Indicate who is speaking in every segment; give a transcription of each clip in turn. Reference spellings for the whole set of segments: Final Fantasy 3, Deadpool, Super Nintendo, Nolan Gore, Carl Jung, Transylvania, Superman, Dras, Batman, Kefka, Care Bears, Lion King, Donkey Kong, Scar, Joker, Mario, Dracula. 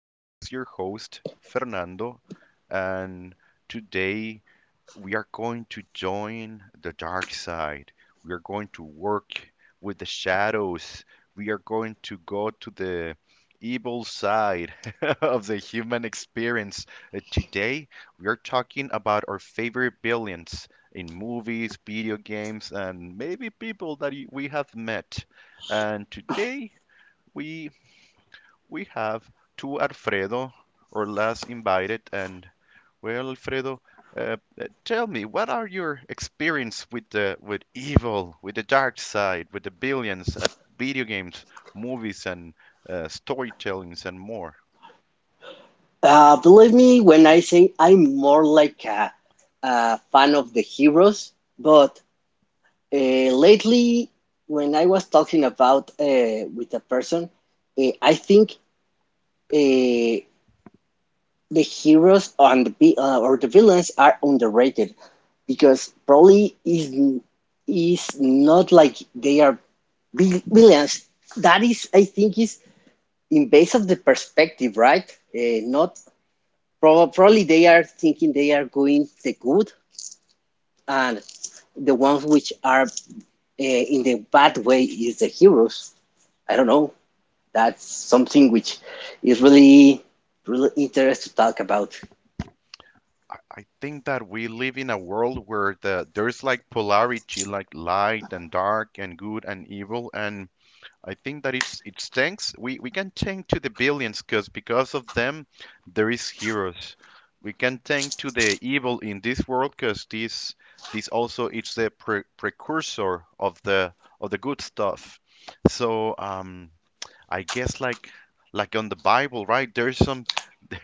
Speaker 1: This is your host, Fernando, and today we are going to join the dark side. We are going to work with the shadows. We are going to go to the evil side of the human experience. Today, we are talking about our favorite villains in movies, video games, and maybe people that we have met. And today, we we have two Alfredo or less invited. And well, Alfredo, tell me, what are your experience with the with evil, with the dark side, with the billions at video games, movies, and storytellings and more?
Speaker 2: Believe me when I say I'm more like a fan of the heroes, but lately, when I was talking about with a person, I think uh, the heroes on the vi- or the villains are underrated because probably is not like they are villains. That is, I think, is in base of the perspective, right? Not Probably they are thinking they are doing the good, and the ones which are in the bad way is the heroes. I don't know. That's something which is really interesting to talk about.
Speaker 1: I think that we live in a world where there's like polarity, like light and dark and good and evil, and I think that it's tanks. We can tank to the billions because of them there is heroes. We can tank to the evil in this world because this also it's the precursor of the good stuff. So I guess like on the Bible, right? There's some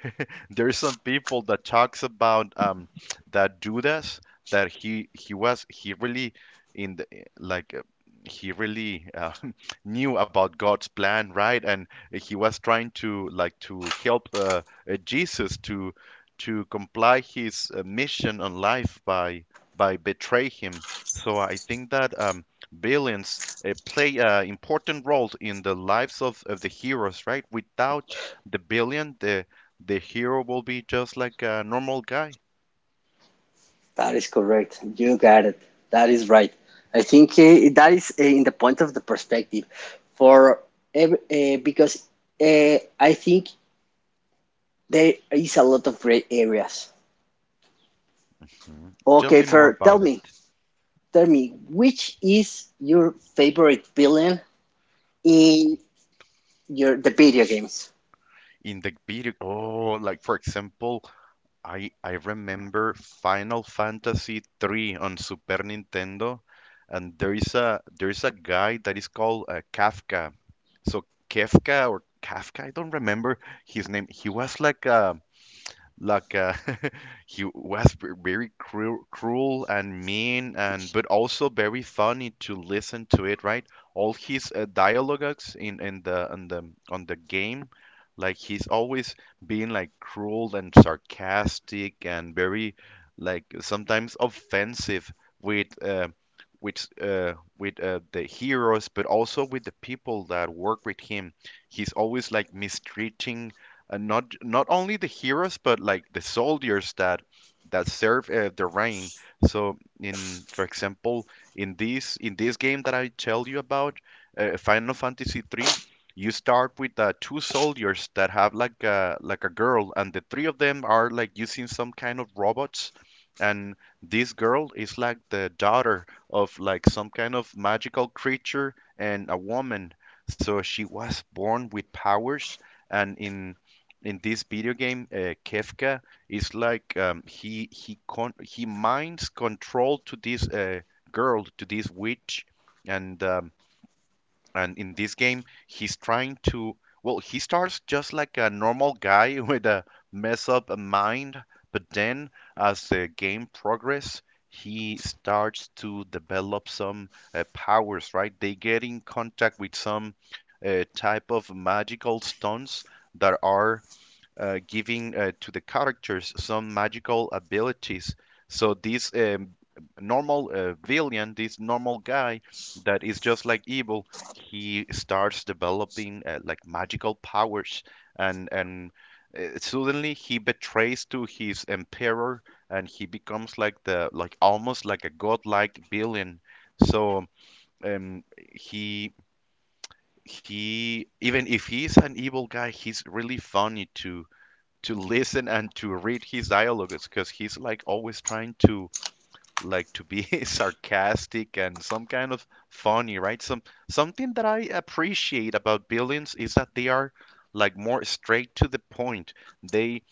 Speaker 1: there's some people that talks about that Judas that he was he really in the like he really knew about God's plan, right? And he was trying to like to help Jesus to comply his mission on life by betray him. So I think that billions play important roles in the lives of the heroes, right? Without the billion, the hero will be just like a normal guy.
Speaker 2: That is correct. You got it. That is right. I think that is in the point of the perspective for every, because I think there is a lot of gray areas.
Speaker 1: Hmm. Tell
Speaker 2: Okay,
Speaker 1: me more
Speaker 2: Fer,
Speaker 1: about it.
Speaker 2: tell me which is your favorite villain in your the video games.
Speaker 1: In the video, oh, like for example, I remember Final Fantasy 3 on Super Nintendo, and there is a guy that is called Kafka. So Kafka or Kafka, I don't remember his name. He was like a like he was very cruel, cruel and mean and but also very funny to listen to it, right, all his dialogues in the on the on the game, like he's always being like cruel and sarcastic and very like sometimes offensive with the heroes but also with the people that work with him, he's always like mistreating and not not only the heroes but like the soldiers that that serve the reign. So in for example in this game that I tell you about, Final Fantasy 3, you start with two soldiers that have like a girl, and the three of them are like using some kind of robots, and this girl is like the daughter of like some kind of magical creature and a woman. So she was born with powers, and in this video game, Kefka is like he he minds control to this girl, to this witch, and um, and in this game, he's trying to. Well, he starts just like a normal guy with a mess up mind, but then as the game progress, he starts to develop some powers. Right, they get in contact with some type of magical stones that are giving to the characters some magical abilities. So this normal villain, this normal guy that is just like evil, he starts developing like magical powers, and suddenly he betrays to his emperor, and he becomes like the like almost like a godlike villain. So um, he he even if he's an evil guy, he's really funny to listen and to read his dialogues because he's like always trying to like to be sarcastic and some kind of funny, right? Some something that I appreciate about villains is that they are like more straight to the point. They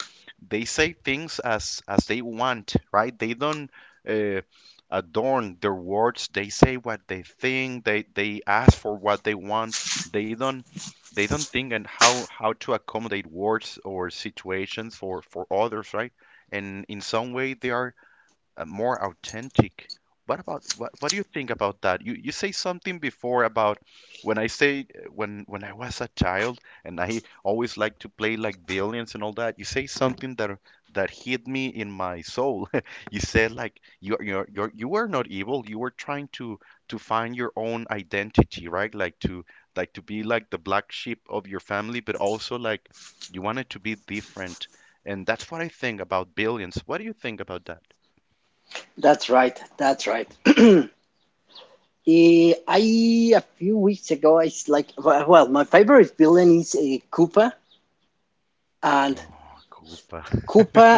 Speaker 1: they say things as they want, right? They don't uh, adorn their words. They say what they think. They ask for what they want. They don't they don't think and how to accommodate words or situations for others, right? And in some way they are more authentic. What about what do you think about that? You say something before about when I say when I was a child and I always like to play like billions and all that. You say something that that hit me in my soul. You said like you were not evil. You were trying to find your own identity, right? Like to be like the black sheep of your family, but also like you wanted to be different. And that's what I think about billions. What do you think about that?
Speaker 2: That's right, that's right. I a few weeks ago I s- like well well, my favorite villain is a Koopa, and
Speaker 1: Oh, Koopa.
Speaker 2: Koopa,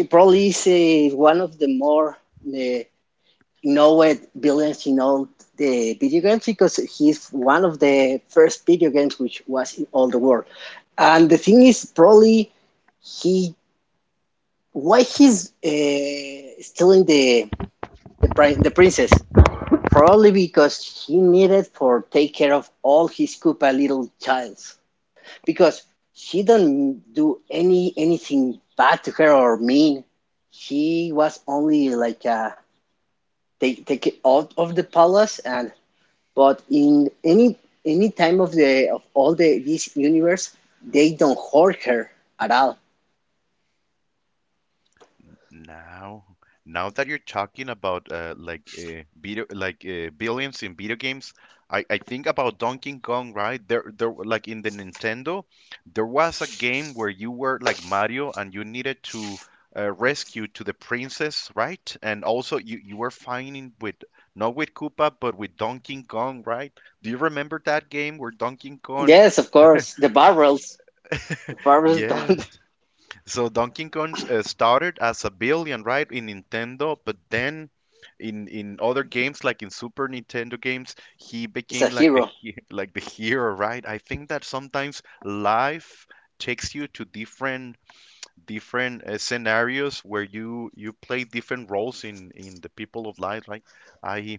Speaker 2: it probably is one of the more eh, known villains in all the video games because he's one of the first video games which was in all the world. And the thing is, probably, he, why he's stealing the the princess? Probably because he needed for take care of all his Koopa little childs. Because she don't do anything bad to her or mean. She was only like take it out of the palace. And but in any time of the of all the this universe they don't hurt her at all.
Speaker 1: Now, now that you're talking about like video, like billions in video games, I think about Donkey Kong, right? There, like in the Nintendo, there was a game where you were like Mario and you needed to rescue to the princess, right? And also you were fighting with not with Koopa but with Donkey Kong, right? Do you remember that game where Donkey Kong?
Speaker 2: Yes, of course, the barrels. The barrels
Speaker 1: Yeah,
Speaker 2: don't.
Speaker 1: so Donkey Kong started as a billion, right, in Nintendo, but then in other games like in Super Nintendo games, he
Speaker 2: Is a
Speaker 1: became like the
Speaker 2: hero.
Speaker 1: he like the hero, right? I think that sometimes life takes you to different different scenarios where you play different roles in the people of life. Like, I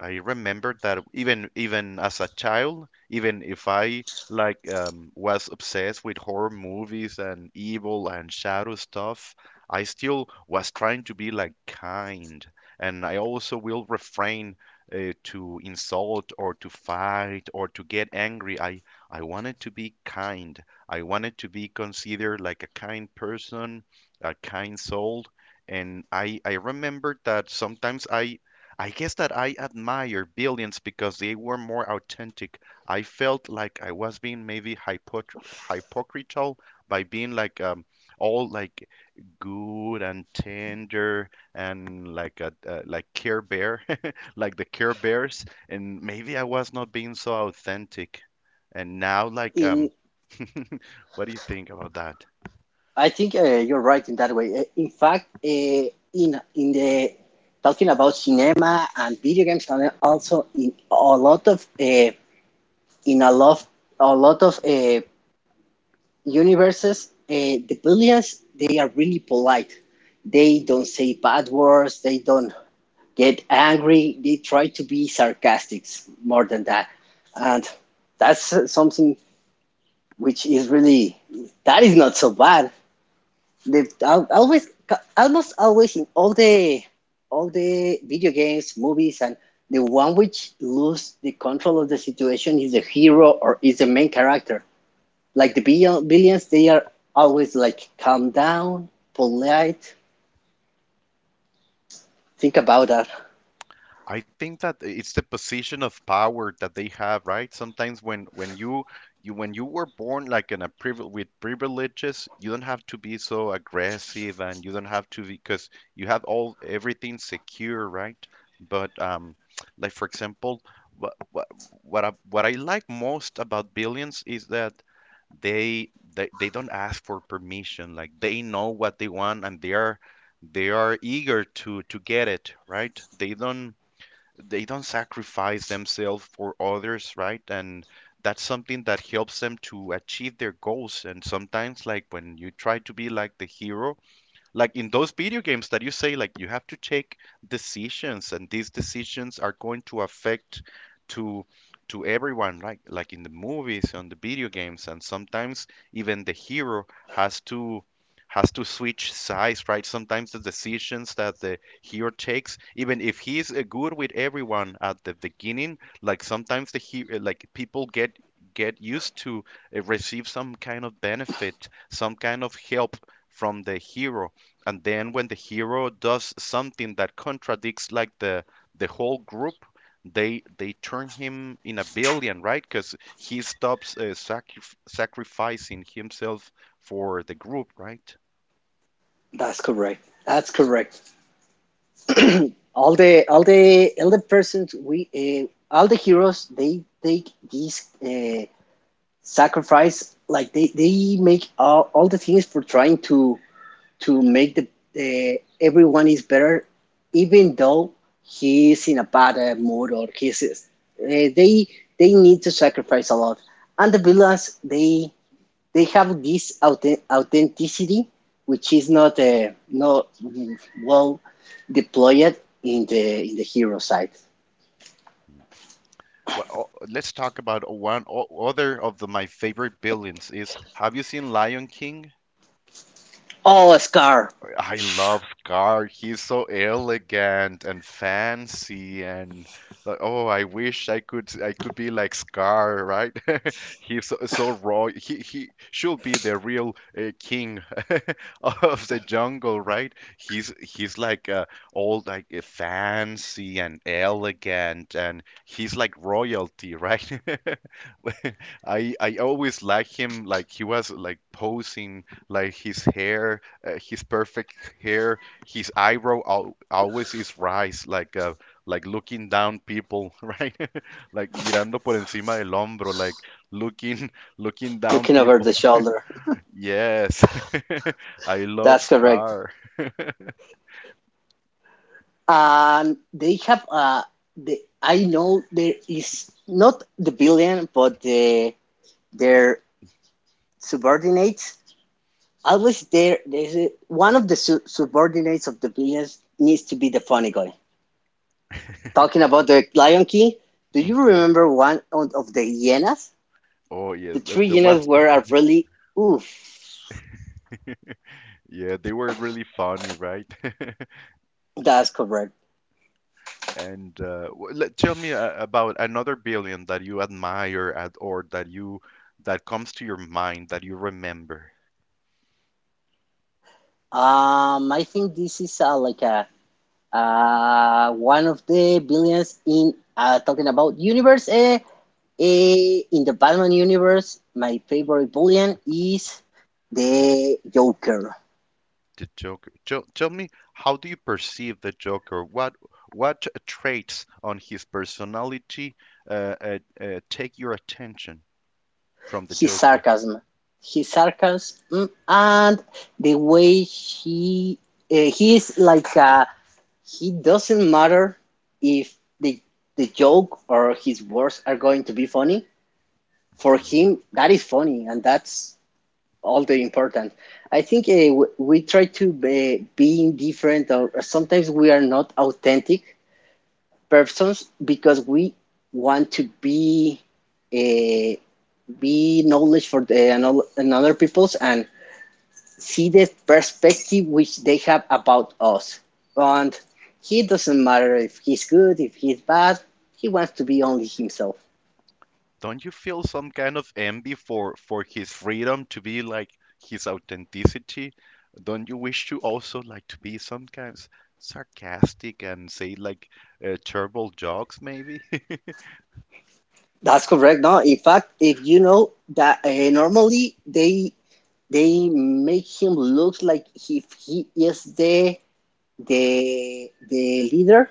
Speaker 1: I remember that even even as a child, even if I like was obsessed with horror movies and evil and shadow stuff, I still was trying to be like kind, and I also will refrain to insult or to fight or to get angry. I wanted to be kind. I wanted to be considered like a kind person, a kind soul, and I remember that sometimes I guess that I admire Billions because they were more authentic. I felt like I was being maybe hypot hypocritical by being like all like good and tender and like a like Care Bear, like the Care Bears, and maybe I was not being so authentic. And now, like,
Speaker 2: In,
Speaker 1: what do you think about that?
Speaker 2: I think you're right in that way. In fact, in the talking about cinema and video games, and also in a lot of in a lot of universes, the villains they are really polite. They don't say bad words. They don't get angry. They try to be sarcastic more than that, and that's something which is really, that is not so bad, always almost always in all the video games, movies. And the one which lose the control of the situation is the hero or is the main character. Like the billions, they are always like calm down, polite, think about that.
Speaker 1: I think that it's the position of power that they have, right? Sometimes when you when you were born like in a with privileges, you don't have to be so aggressive and you don't have to because you have all everything secure, right? But like for example, what what what I like most about Billions is that they they don't ask for permission, like they know what they want and they are eager to get it, right, they don't sacrifice themselves for others, right? And that's something that helps them to achieve their goals. And sometimes, like when you try to be like the hero, like in those video games that you say, like you have to take decisions and these decisions are going to affect to to everyone, right, like in the movies on the video games, and sometimes even the hero has to has to switch sides, right, sometimes the decisions that the hero takes, even if he's good with everyone at the beginning, like sometimes the he like people get used to receive some kind of benefit, some kind of help from the hero, and then when the hero does something that contradicts like the whole group, they turn him in a villain, right, because he stops sacrificing himself for the group, right.
Speaker 2: That's correct, that's correct. All the all the all the persons we all the heroes, they take this sacrifice, like they make all the things for trying to make the everyone is better, even though he is in a bad mood, or he's they need to sacrifice a lot. And the villains, they have this authenticity which is not not well deployed in the hero side.
Speaker 1: Well, let's talk about one other of the, my favorite villains is, have you seen Lion King?
Speaker 2: Oh, Scar.
Speaker 1: I love Scar. He's so elegant and fancy and like, oh, I wish I could be like Scar, right? He's so, so raw. He should be the real king of the jungle, right? He's like all like fancy and elegant and he's like royalty, right? I always like him like he was like posing like his hair his perfect hair, his eyebrow al always is raised, like looking down people, right? Like mirando por encima del hombro, like looking looking down
Speaker 2: Looking over
Speaker 1: people.
Speaker 2: the shoulder.
Speaker 1: Yes, I love
Speaker 2: That's correct.
Speaker 1: Scar.
Speaker 2: And they have the, I know there is not the billion, but the their subordinates, always there there's a, one of the subordinates of the billions needs to be the funny guy. Talking about The Lion King, do you
Speaker 1: Mhm.
Speaker 2: remember one of the hyenas?
Speaker 1: Oh
Speaker 2: The
Speaker 1: yes, there
Speaker 2: three
Speaker 1: there
Speaker 2: hyenas
Speaker 1: was.
Speaker 2: were a really oof.
Speaker 1: Yeah, they were really funny, right?
Speaker 2: That's correct.
Speaker 1: And let, tell me about another billion that you admire at, or that you that comes to your mind that you remember.
Speaker 2: I think this is like a one of the billions in talking about universe. In the Batman universe, my favorite villain is the Joker.
Speaker 1: The Joker. Tell me, how do you perceive the Joker? What traits on his personality take your attention from the
Speaker 2: His
Speaker 1: Joker?
Speaker 2: sarcasm, his sarcasm, and the way he uh, he like uh, he doesn't matter if the the joke or his words are going to be funny. For
Speaker 1: Mhm.
Speaker 2: him, that is funny, and that's all the important. I think we try to be, being different, or sometimes we are not authentic persons because we want to uh, be knowledge for the another peoples and see the perspective which they have about us. And he doesn't matter if he's good, if he's bad, he wants to be only himself.
Speaker 1: Don't you feel some kind of envy for his freedom to be like his authenticity? Don't you wish to also like to be sometimes sarcastic and say like terrible jokes maybe?
Speaker 2: That's correct. No, in fact, if you know that normally they make him look like if he is the leader,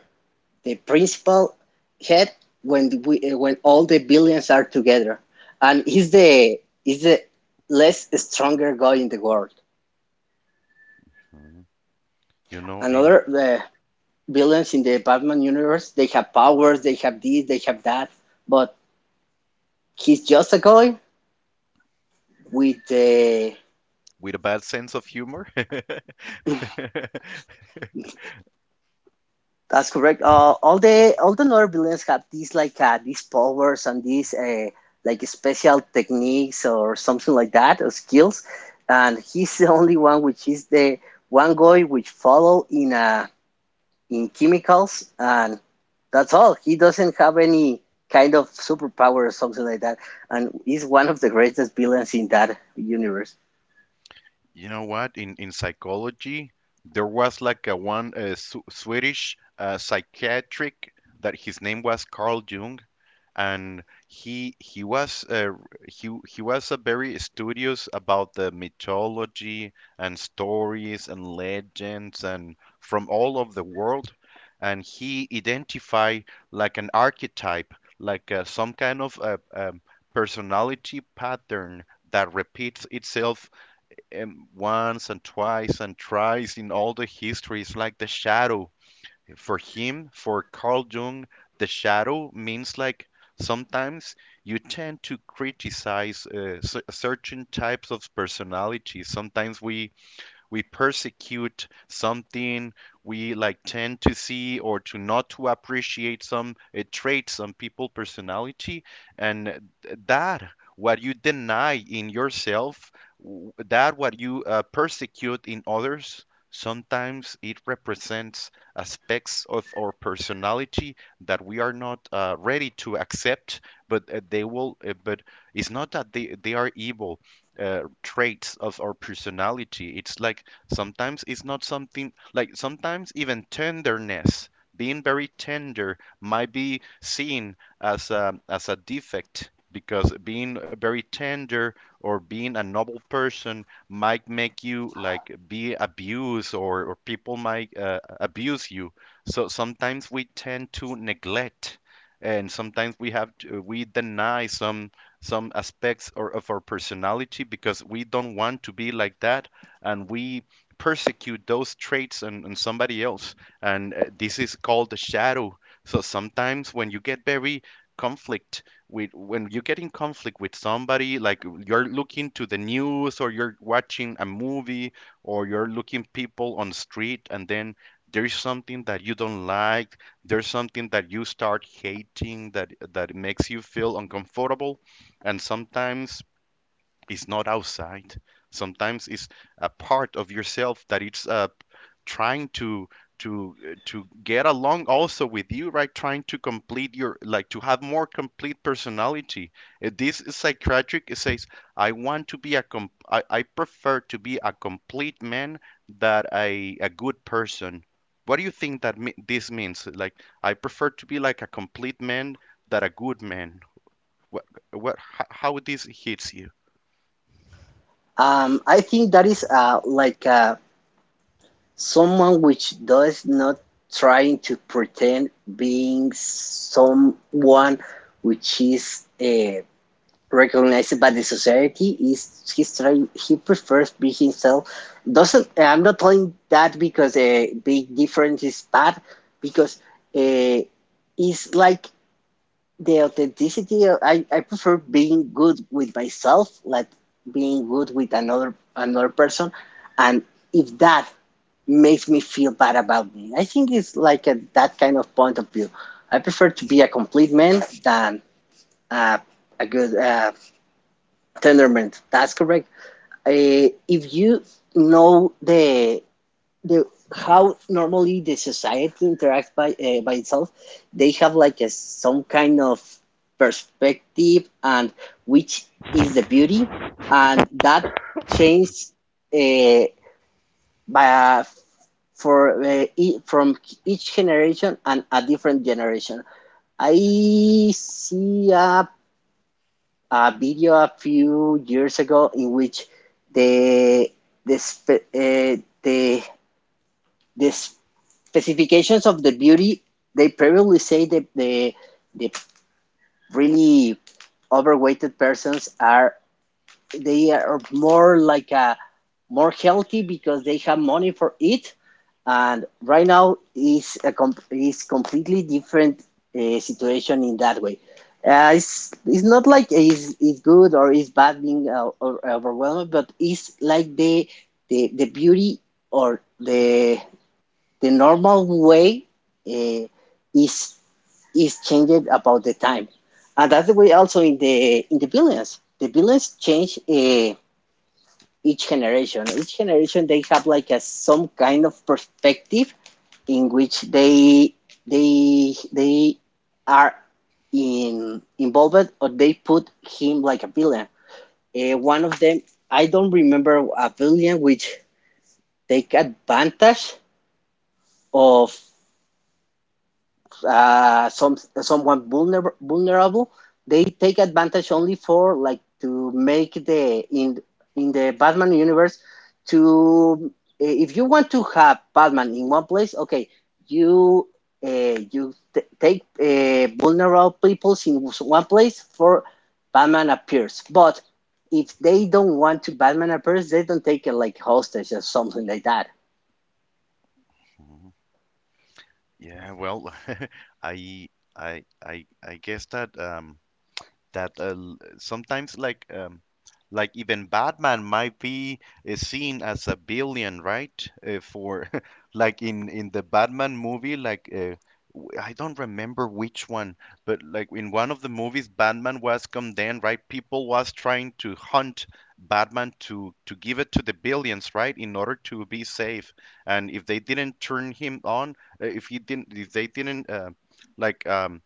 Speaker 2: the principal head, when when all the billions are together, and he's the is the less stronger guy in the world.
Speaker 1: Mhm. You know, in
Speaker 2: Another, the villains in the Batman universe, they have powers, they have this, they have that, but he's just a guy with the.
Speaker 1: with a bad sense of humor.
Speaker 2: That's correct. All the all the Nor villains have these like these powers and these like special techniques or something like that or skills. And he's the only one which is the one guy which follow in chemicals, and that's all. He doesn't have any kind of superpower or something like that, and he's one of the greatest villains in that universe.
Speaker 1: You know what? In psychology, there was like a one Sw- Swedish psychiatric that his name was Carl Jung, and he was he was a very studious about the mythology and stories and legends and from all of the world, and he identified like an archetype, like some kind of personality pattern that repeats itself once and twice and thrice in all the history. It's like the shadow. For him, for Carl Jung, the shadow means like sometimes you tend to criticize certain types of personality. Sometimes we persecute something we like tend to see or to not to appreciate some a trait some people personality and that what you deny in yourself that what you persecute in others sometimes it represents aspects of our personality that we are not ready to accept but they will but it's not that they are evil traits of our personality. It's like sometimes it's not something like sometimes even tenderness, being very tender, might be seen as as a defect because being very tender or being a noble person might make you like be abused or people might abuse you. So sometimes we tend to neglect and sometimes we have we deny some aspects or of our personality because we don't want to be like that and we persecute those traits and somebody else and this is called the shadow so sometimes when you get very conflict with when you get in conflict with somebody like you're looking to the news or you're watching a movie or you're looking people on street and then there's something that you don't like there's something that you start hating that that makes you feel uncomfortable and sometimes it's not outside. Sometimes it's a part of yourself that it's trying to to get along also with you, right? Trying to complete your like to have more complete personality. This is psychiatric It says, I want to be a com- I prefer to be a complete man than a good person. What do you think that me- this means? Like I prefer to be like a complete man than a good man. What, how would this hits you?
Speaker 2: I think that is like someone which does not trying to pretend being someone which is recognized by the society. Is he's trying, he prefers being himself. Doesn't, I'm not telling that because a big difference is bad, because uh, it's like the authenticity. I prefer being good with myself, like being good with another person. And if that makes me feel bad about me, I think it's like that kind of point of view. I prefer to be a complete man than uh, a good tenderman. That's correct. If you know the how normally the society interacts by itself, they have like a some kind of perspective. And which is the beauty, and that changed uh, by from each generation and a different generation. I see a video a few years ago in which the the spe- the this specifications of the beauty, they probably say that the really overweighted persons are, they are more like a more healthy because they have money for it. And right now is a is completely different situation in that way. It's not like is good or is bad being or overwhelmed, but it's like the beauty or the the normal way uh, is is changed about the time. And that's the way also in the billions. The billions change each generation. Each generation they have like a some kind of perspective in which they are in involved, or they put him like a villain. One of them, I don't remember a villain which take advantage of. Some someone vulnerable, they take advantage only for like to make the, in the Batman universe, to if you want to have Batman in one place, okay, you you take vulnerable peoples in one place for Batman appears. But if they don't want to Batman appears, they don't take it like hostage or something like that.
Speaker 1: Mhm. Yeah, well, I, I guess that that sometimes like even Batman might be seen as a billion, right? For like in the Batman movie, like I don't remember which one, but like in one of the movies, Batman was condemned, right? People was trying to hunt Batman to give it to the billions, right, in order to be safe. And if they didn't turn him on, if he didn't, if they didn't like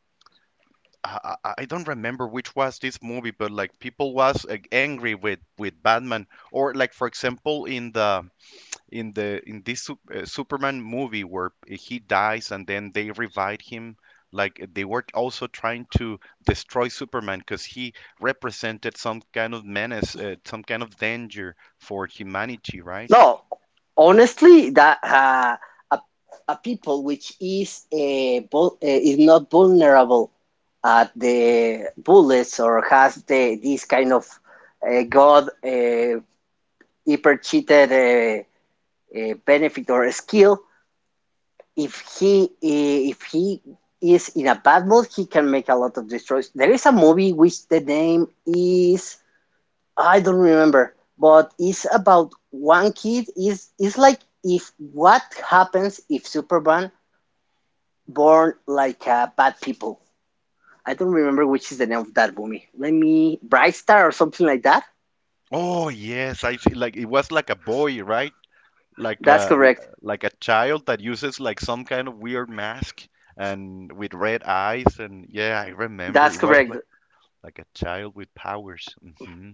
Speaker 1: I, don't remember which was this movie, but like people was like, angry with Batman, or like for example in the in this sup- Superman movie where he dies and then they revive him. Like they were also trying to destroy Superman because he represented some kind of menace, some kind of danger for humanity, right?
Speaker 2: No, honestly, that a, a people which is is not vulnerable at the bullets, or has the this kind of god hyper cheated benefit or skill. If he uh, if he is in a bad mood, he can make a lot of destroys. There is a movie which the name is, I don't remember, but it's about one kid. Is it's like if what happens if Superman born like a bad people. I don't remember which is the name of that movie. Let me, Bright Star or something like that.
Speaker 1: Oh yes, I see. Like it was like a boy, right? Like
Speaker 2: That's
Speaker 1: a
Speaker 2: correct.
Speaker 1: like a child that uses like some kind of weird mask and with red eyes and yeah I remember
Speaker 2: That's
Speaker 1: it was
Speaker 2: correct.
Speaker 1: like a child with powers. Hmm,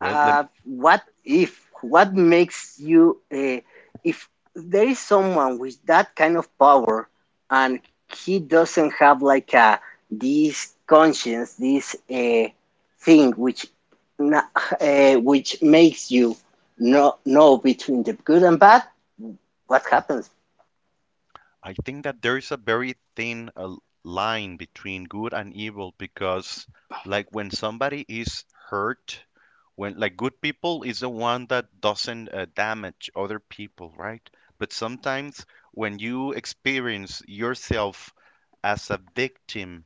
Speaker 1: well then
Speaker 2: What if? What makes you? If there is someone with that kind of power, and he doesn't have like a this conscience, this thing which, na- which makes you know between the good and bad, what happens?
Speaker 1: I think that there is a very thin line between good and evil because like when somebody is hurt when like good people is the one that doesn't damage other people, right? But sometimes when you experience yourself as a victim,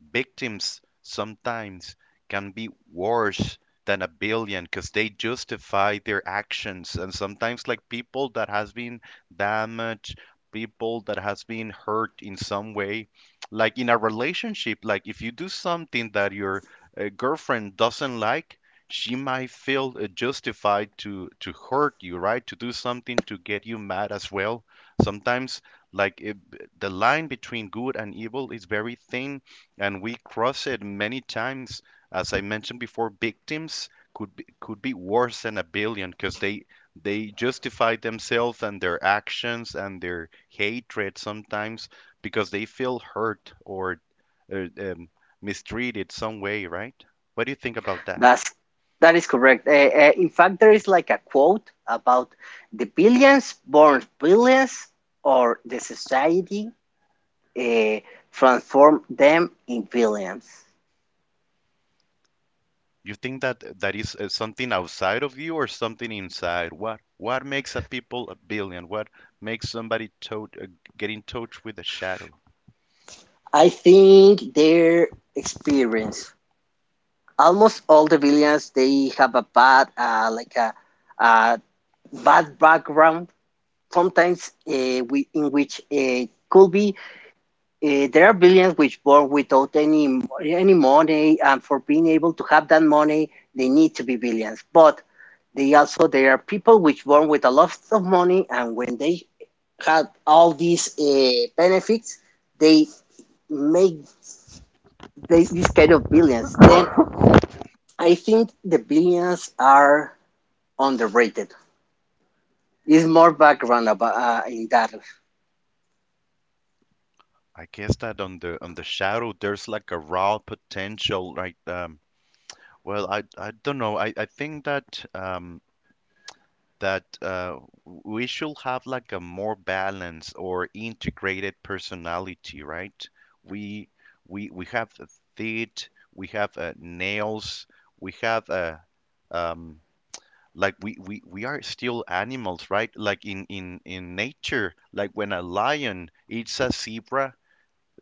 Speaker 1: victims sometimes can be worse than a billion because they justify their actions and sometimes like people that has been damaged, people that has been hurt in some way, like in a relationship, like if you do something that your girlfriend doesn't like, she might feel justified to hurt you, right? To do something to get you mad as well. Sometimes like it, the line between good and evil is very thin and we cross it many times. As I mentioned before, victims could be worse than a billion because they justify themselves and their actions and their hatred sometimes because they feel hurt or uh, um, mistreated some way, right? What do you think about that?
Speaker 2: That's that is correct. In fact, there is like a quote about the billions born billions or the society uh, transform them in villains.
Speaker 1: You think that that is something outside of you or something inside? What makes a people a billion? What makes somebody get in touch with a shadow?
Speaker 2: I think their experience. Almost all the villains, they have a bad, a bad background. Sometimes in which could be there are villains which born without any money, and for being able to have that money, they need to be villains. But they also there are people which born with a lot of money, and when they had all these benefits, they make this, this kind of billions. Then I think the billions are underrated. It's more background about in that.
Speaker 1: I guess that on the shadow there's like a raw potential, right? Um, well I don't know, I think that that we should have like a more balanced or integrated personality, right? We we have the feet, we have nails, we have um like we, we are still animals, right? Like in nature, like when a lion eats a zebra,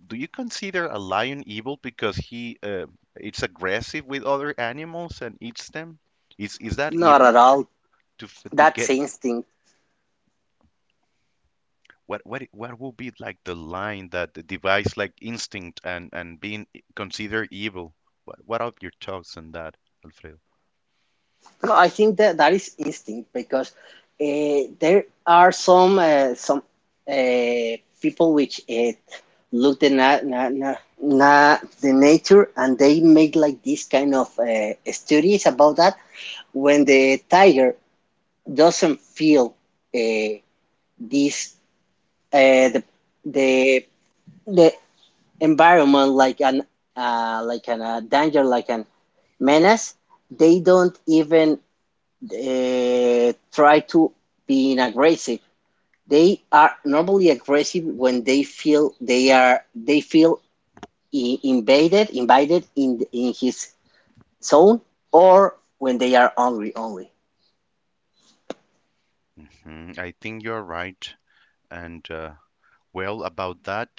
Speaker 1: do you consider a lion evil because he it's aggressive with other animals and eats them? Is that
Speaker 2: Not at
Speaker 1: evil to
Speaker 2: all.
Speaker 1: to
Speaker 2: That's
Speaker 1: get
Speaker 2: instinct.
Speaker 1: what what will be like the line that divides like instinct and being I- considered evil? What are your thoughts on that, Alfredo?
Speaker 2: No, I think that that is instinct because there are some uh, people which look the the nature, and they make like this kind of studies about that. When the tiger doesn't feel uh, this, uh, the, the the environment like an danger, like an menace, they don't even try to be aggressive. They are normally aggressive when they feel I- invaded invited in his zone, or when they are hungry only.
Speaker 1: Hmm, I think you're right, and well, about that,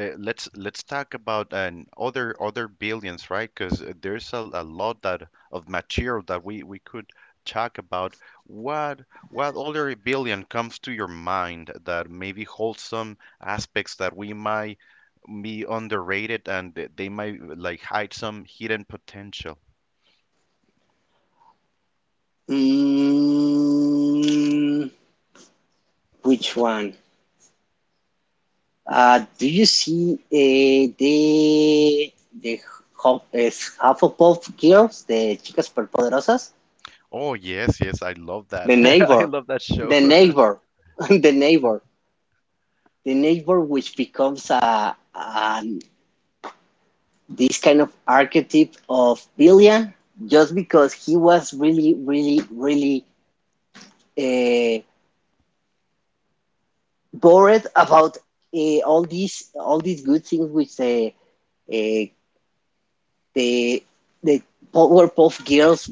Speaker 1: let's talk about an other other billions, right? Because there's a lot that of material that we could talk about. What what other billion comes to your mind that maybe holds some aspects that we might be underrated and they might like hide some hidden potential?
Speaker 2: Mm. Which one? Do you see the Hufflepuff girls, the chicas superpoderosas?
Speaker 1: Oh yes, yes, I love
Speaker 2: The
Speaker 1: that. I
Speaker 2: neighbor,
Speaker 1: love that show.
Speaker 2: the neighbor, the neighbor, which becomes a this kind of archetype of Billion, just because he was really, really, really uh, bored about all these good things which the uh, the the Powerpuff Girls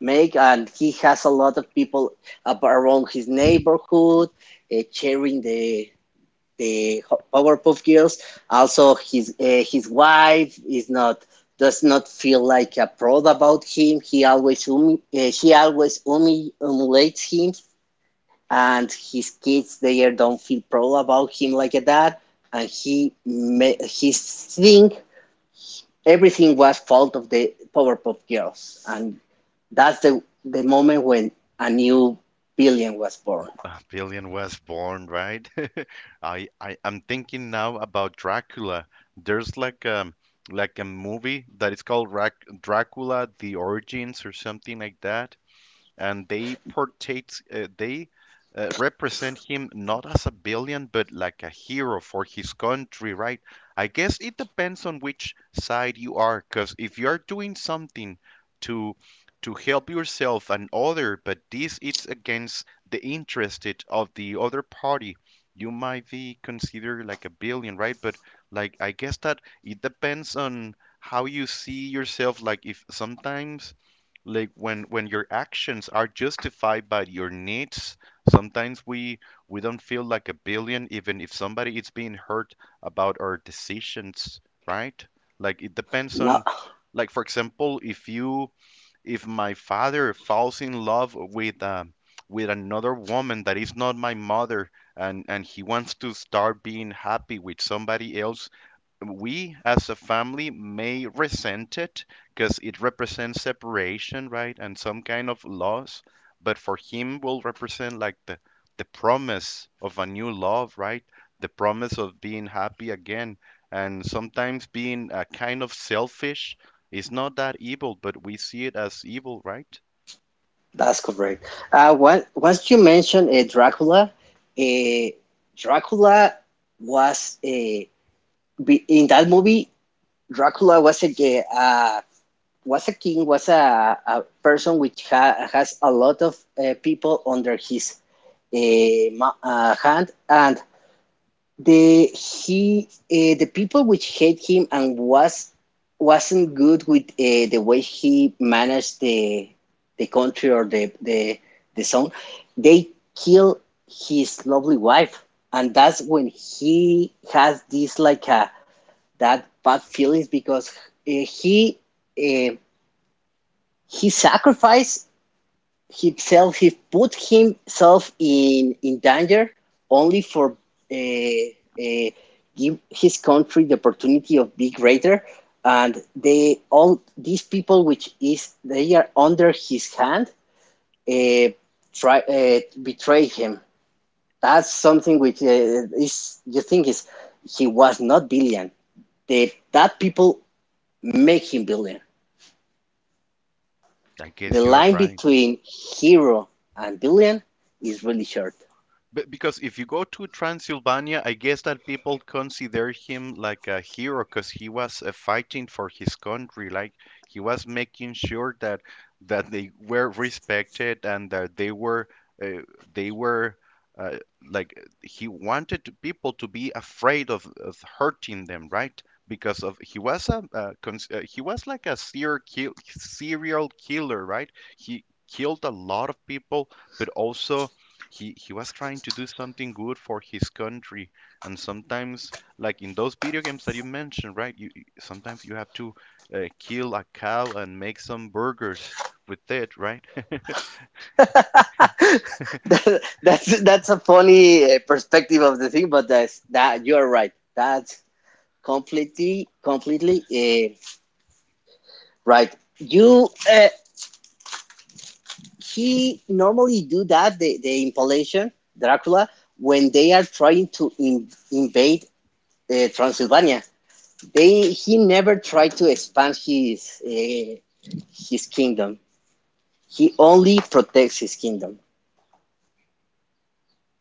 Speaker 2: make, and he has a lot of people around his neighborhood cheering the Powerpuff Girls. Also, his wife is not does not feel like a prod about him. He always she always humiliates him, and his kids, they don't feel proud about him like that. And he think everything was fault of the Powerpuff Girls, and that's the moment when a new villain was born.
Speaker 1: Billion was born, right? I, I'm thinking now about Dracula. There's like a movie that is called Rac Dracula: The Origins or something like that, and they portray, they represent him not as a villain but like a hero for his country, right? I guess it depends on which side you are because if you are doing something to to help yourself and other but this it's against the interest of the other party, you might be considered like a villain, right? But like I guess that it depends on how you see yourself, like if sometimes like when your actions are justified by your needs, sometimes we don't feel like a billion even if somebody is being hurt about our decisions, right? Like it depends
Speaker 2: No,
Speaker 1: on like for example if you if my father falls in love with another woman that is not my mother and he wants to start being happy with somebody else, we as a family may resent it because it represents separation, right, and some kind of loss. But for him, will represent like the promise of a new love, right? The promise of being happy again. And sometimes being a kind of selfish is not that evil, but we see it as evil, right?
Speaker 2: that's correct. Once you mentioned Dracula, uh, Dracula was a in that movie. Dracula was a, uh, was a king, was a person which has a lot of people under his uh, hand. And the people which hate him and was wasn't good with the way he managed the country or the zone, they kill his lovely wife. And that's when he has this like a that bad feelings, because uh, he uh, he sacrificed himself, he put himself in danger only for uh, uh, give his country the opportunity of being greater. And they all these people which is they are under his hand uh, try betray him. That's something which is, you think, is he was not billion, the that people make him billion.
Speaker 1: I
Speaker 2: The
Speaker 1: guess you're
Speaker 2: line
Speaker 1: right.
Speaker 2: between hero and billion is really short.
Speaker 1: But because if you go to Transylvania, I guess that people consider him like a hero because he was fighting for his country. Like he was making sure that that they were respected and that uh, they were uh, like he wanted to- people to be afraid of hurting them, right? Because of he was a he was like a serial kill- serial killer, right? He killed a lot of people, but also he was trying to do something good for his country, and sometimes like in those video games that you mentioned, right, you sometimes you have to kill a cow and make some burgers with it, right?
Speaker 2: that, that's a funny perspective of the thing, but that's, that you are right. That's completely right. You he normally do that, the Impalation, Dracula, when they are trying to in, invade Transylvania. They he never tried to expand his kingdom. He only protects his kingdom.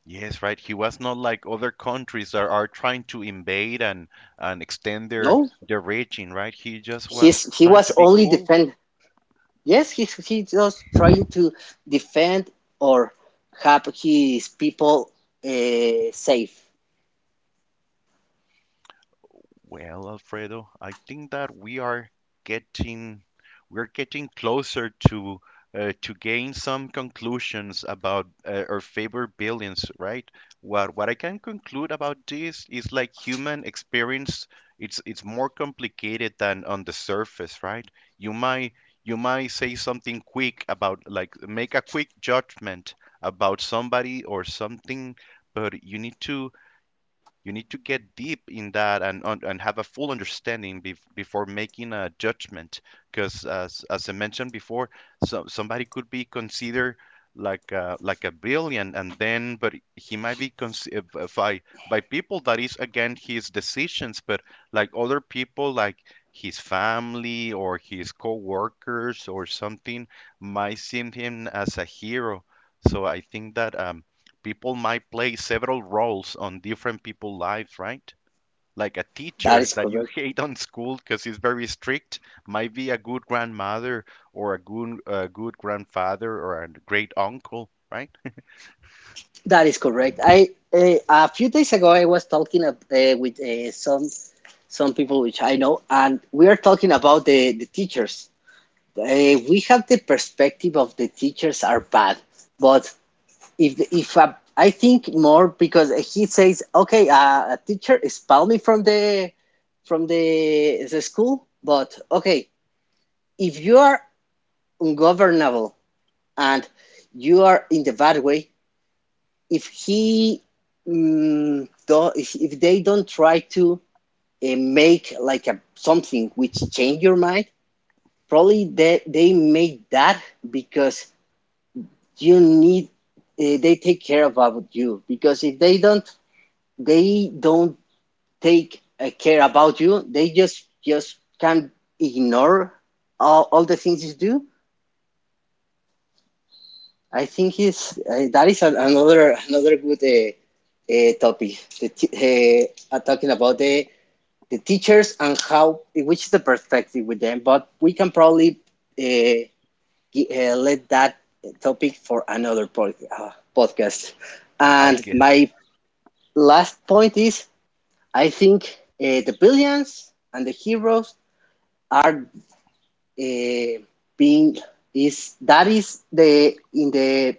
Speaker 1: Yes, right, he was not like other countries that are trying to invade and extend
Speaker 2: No,
Speaker 1: their region, right? He just was
Speaker 2: he
Speaker 1: trying
Speaker 2: was
Speaker 1: to be
Speaker 2: only
Speaker 1: cool.
Speaker 2: defend. Yes, he's just trying to defend or have his people safe.
Speaker 1: Well, Alfredo, I think that we are getting we're getting closer to gain some conclusions about our favorite billions, right? What I can conclude about this is like human experience, it's more complicated than on the surface, right? You might you might say something quick about like make a quick judgment about somebody or something, but you need to get deep in that and and have a full understanding before making a judgment. Because as I mentioned before, so somebody could be considered like a brilliant, and then but he might be considered by by people that is against his decisions, but like other people like his family or his co-workers or something might see him as a hero. So I think that people might play several roles on different people's lives, right? Like a
Speaker 2: That
Speaker 1: teacher
Speaker 2: is
Speaker 1: that you
Speaker 2: correct.
Speaker 1: hate on school because he's very strict might be a good grandmother or a good grandfather or a great uncle, right?
Speaker 2: That is correct. I, a few days ago I was talking with some people which I know, and we are talking about the teachers. We have the perspective of the teachers are bad, but if a, I think more because he says, okay, a teacher expelled me from the school. But okay, if you are ungovernable and you are in the bad way, if he if they don't try to make like a something which change your mind, probably they made that because you need, they take care about you. Because if they don't, they don't take care about you, they just can ignore all the things you do. I think is that is an, another another good topic. The talking about the teachers and how which is the perspective with them. But we can probably uh, let that topic for another podcast.
Speaker 1: I
Speaker 2: And
Speaker 1: guess.
Speaker 2: my last point is, I think the villains and the heroes are uh, being is that is the in the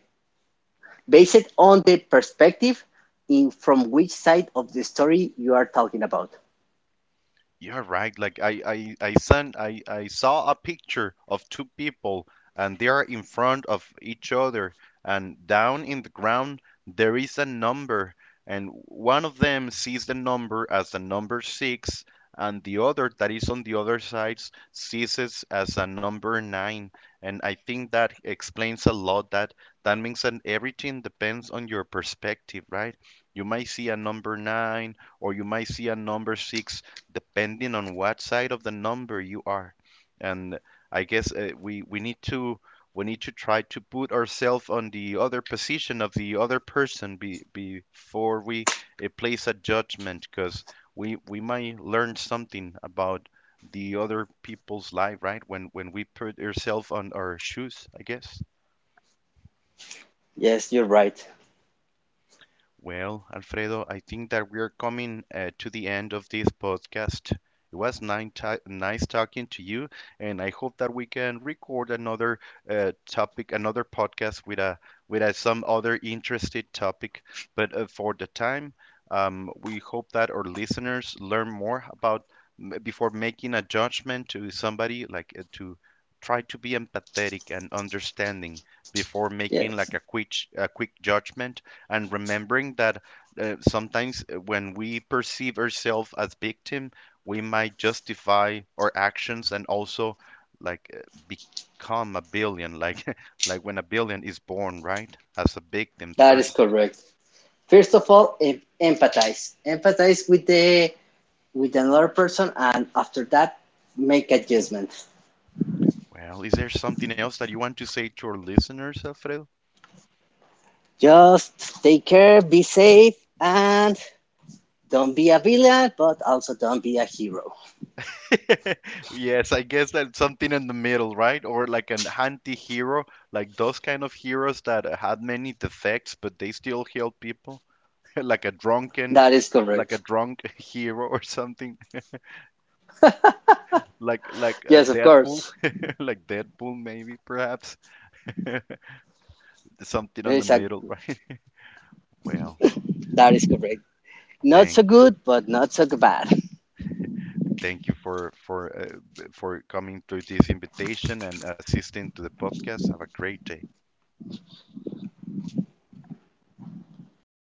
Speaker 2: based on the perspective in from which side of the story you are talking about.
Speaker 1: You're right. Like I sent, I saw a picture of two people, and they are in front of each other, and down in the ground there is a number, and one of them sees the number as the number six, and the other that is on the other side sees it as a number nine. And I think that explains a lot. That that means that everything depends on your perspective, right? You might see a number nine, or you might see a number six depending on what side of the number you are. And I guess we need to try to put ourselves on the other position of the other person before we place a judgment, because we might learn something about the other people's life, right? When we put ourselves on our shoes, I guess.
Speaker 2: Yes, you're right.
Speaker 1: Well, Alfredo, I think that we're coming to the end of this podcast. It was nine ti nice talking to you, and I hope that we can record another topic, another podcast with a, some other interested topic. But for the time, we hope that our listeners learn more about before making a judgment to somebody, like to try to be empathetic and understanding before making
Speaker 2: Yes,
Speaker 1: like a quick judgment and remembering that sometimes when we perceive ourselves as victim, we might justify our actions and also like become a billion like like when a billion is born, right, as a victim
Speaker 2: that is
Speaker 1: first.
Speaker 2: correct. First of all, empathize, empathize with the with another person, and after that, make adjustment.
Speaker 1: Well, is there something else that you want to say to our listeners, Alfredo?
Speaker 2: Just take care, be safe, and don't be a villain, but also don't be a hero.
Speaker 1: Yes, I guess that's something in the middle, right? Or like an anti-hero, like those kind of heroes that had many defects but they still heal people. Like a drunken,
Speaker 2: That is
Speaker 1: like a
Speaker 2: correct.
Speaker 1: drunk hero or something, like a
Speaker 2: Yes, of
Speaker 1: Deadpool,
Speaker 2: course.
Speaker 1: like Deadpool maybe perhaps. Something
Speaker 2: There
Speaker 1: on the
Speaker 2: is a,
Speaker 1: middle, right? Well,
Speaker 2: that is correct. Not so
Speaker 1: thank you,
Speaker 2: good, but not so bad.
Speaker 1: thank you for for coming to this invitation and assisting to the podcast. Have a great day.
Speaker 2: Well,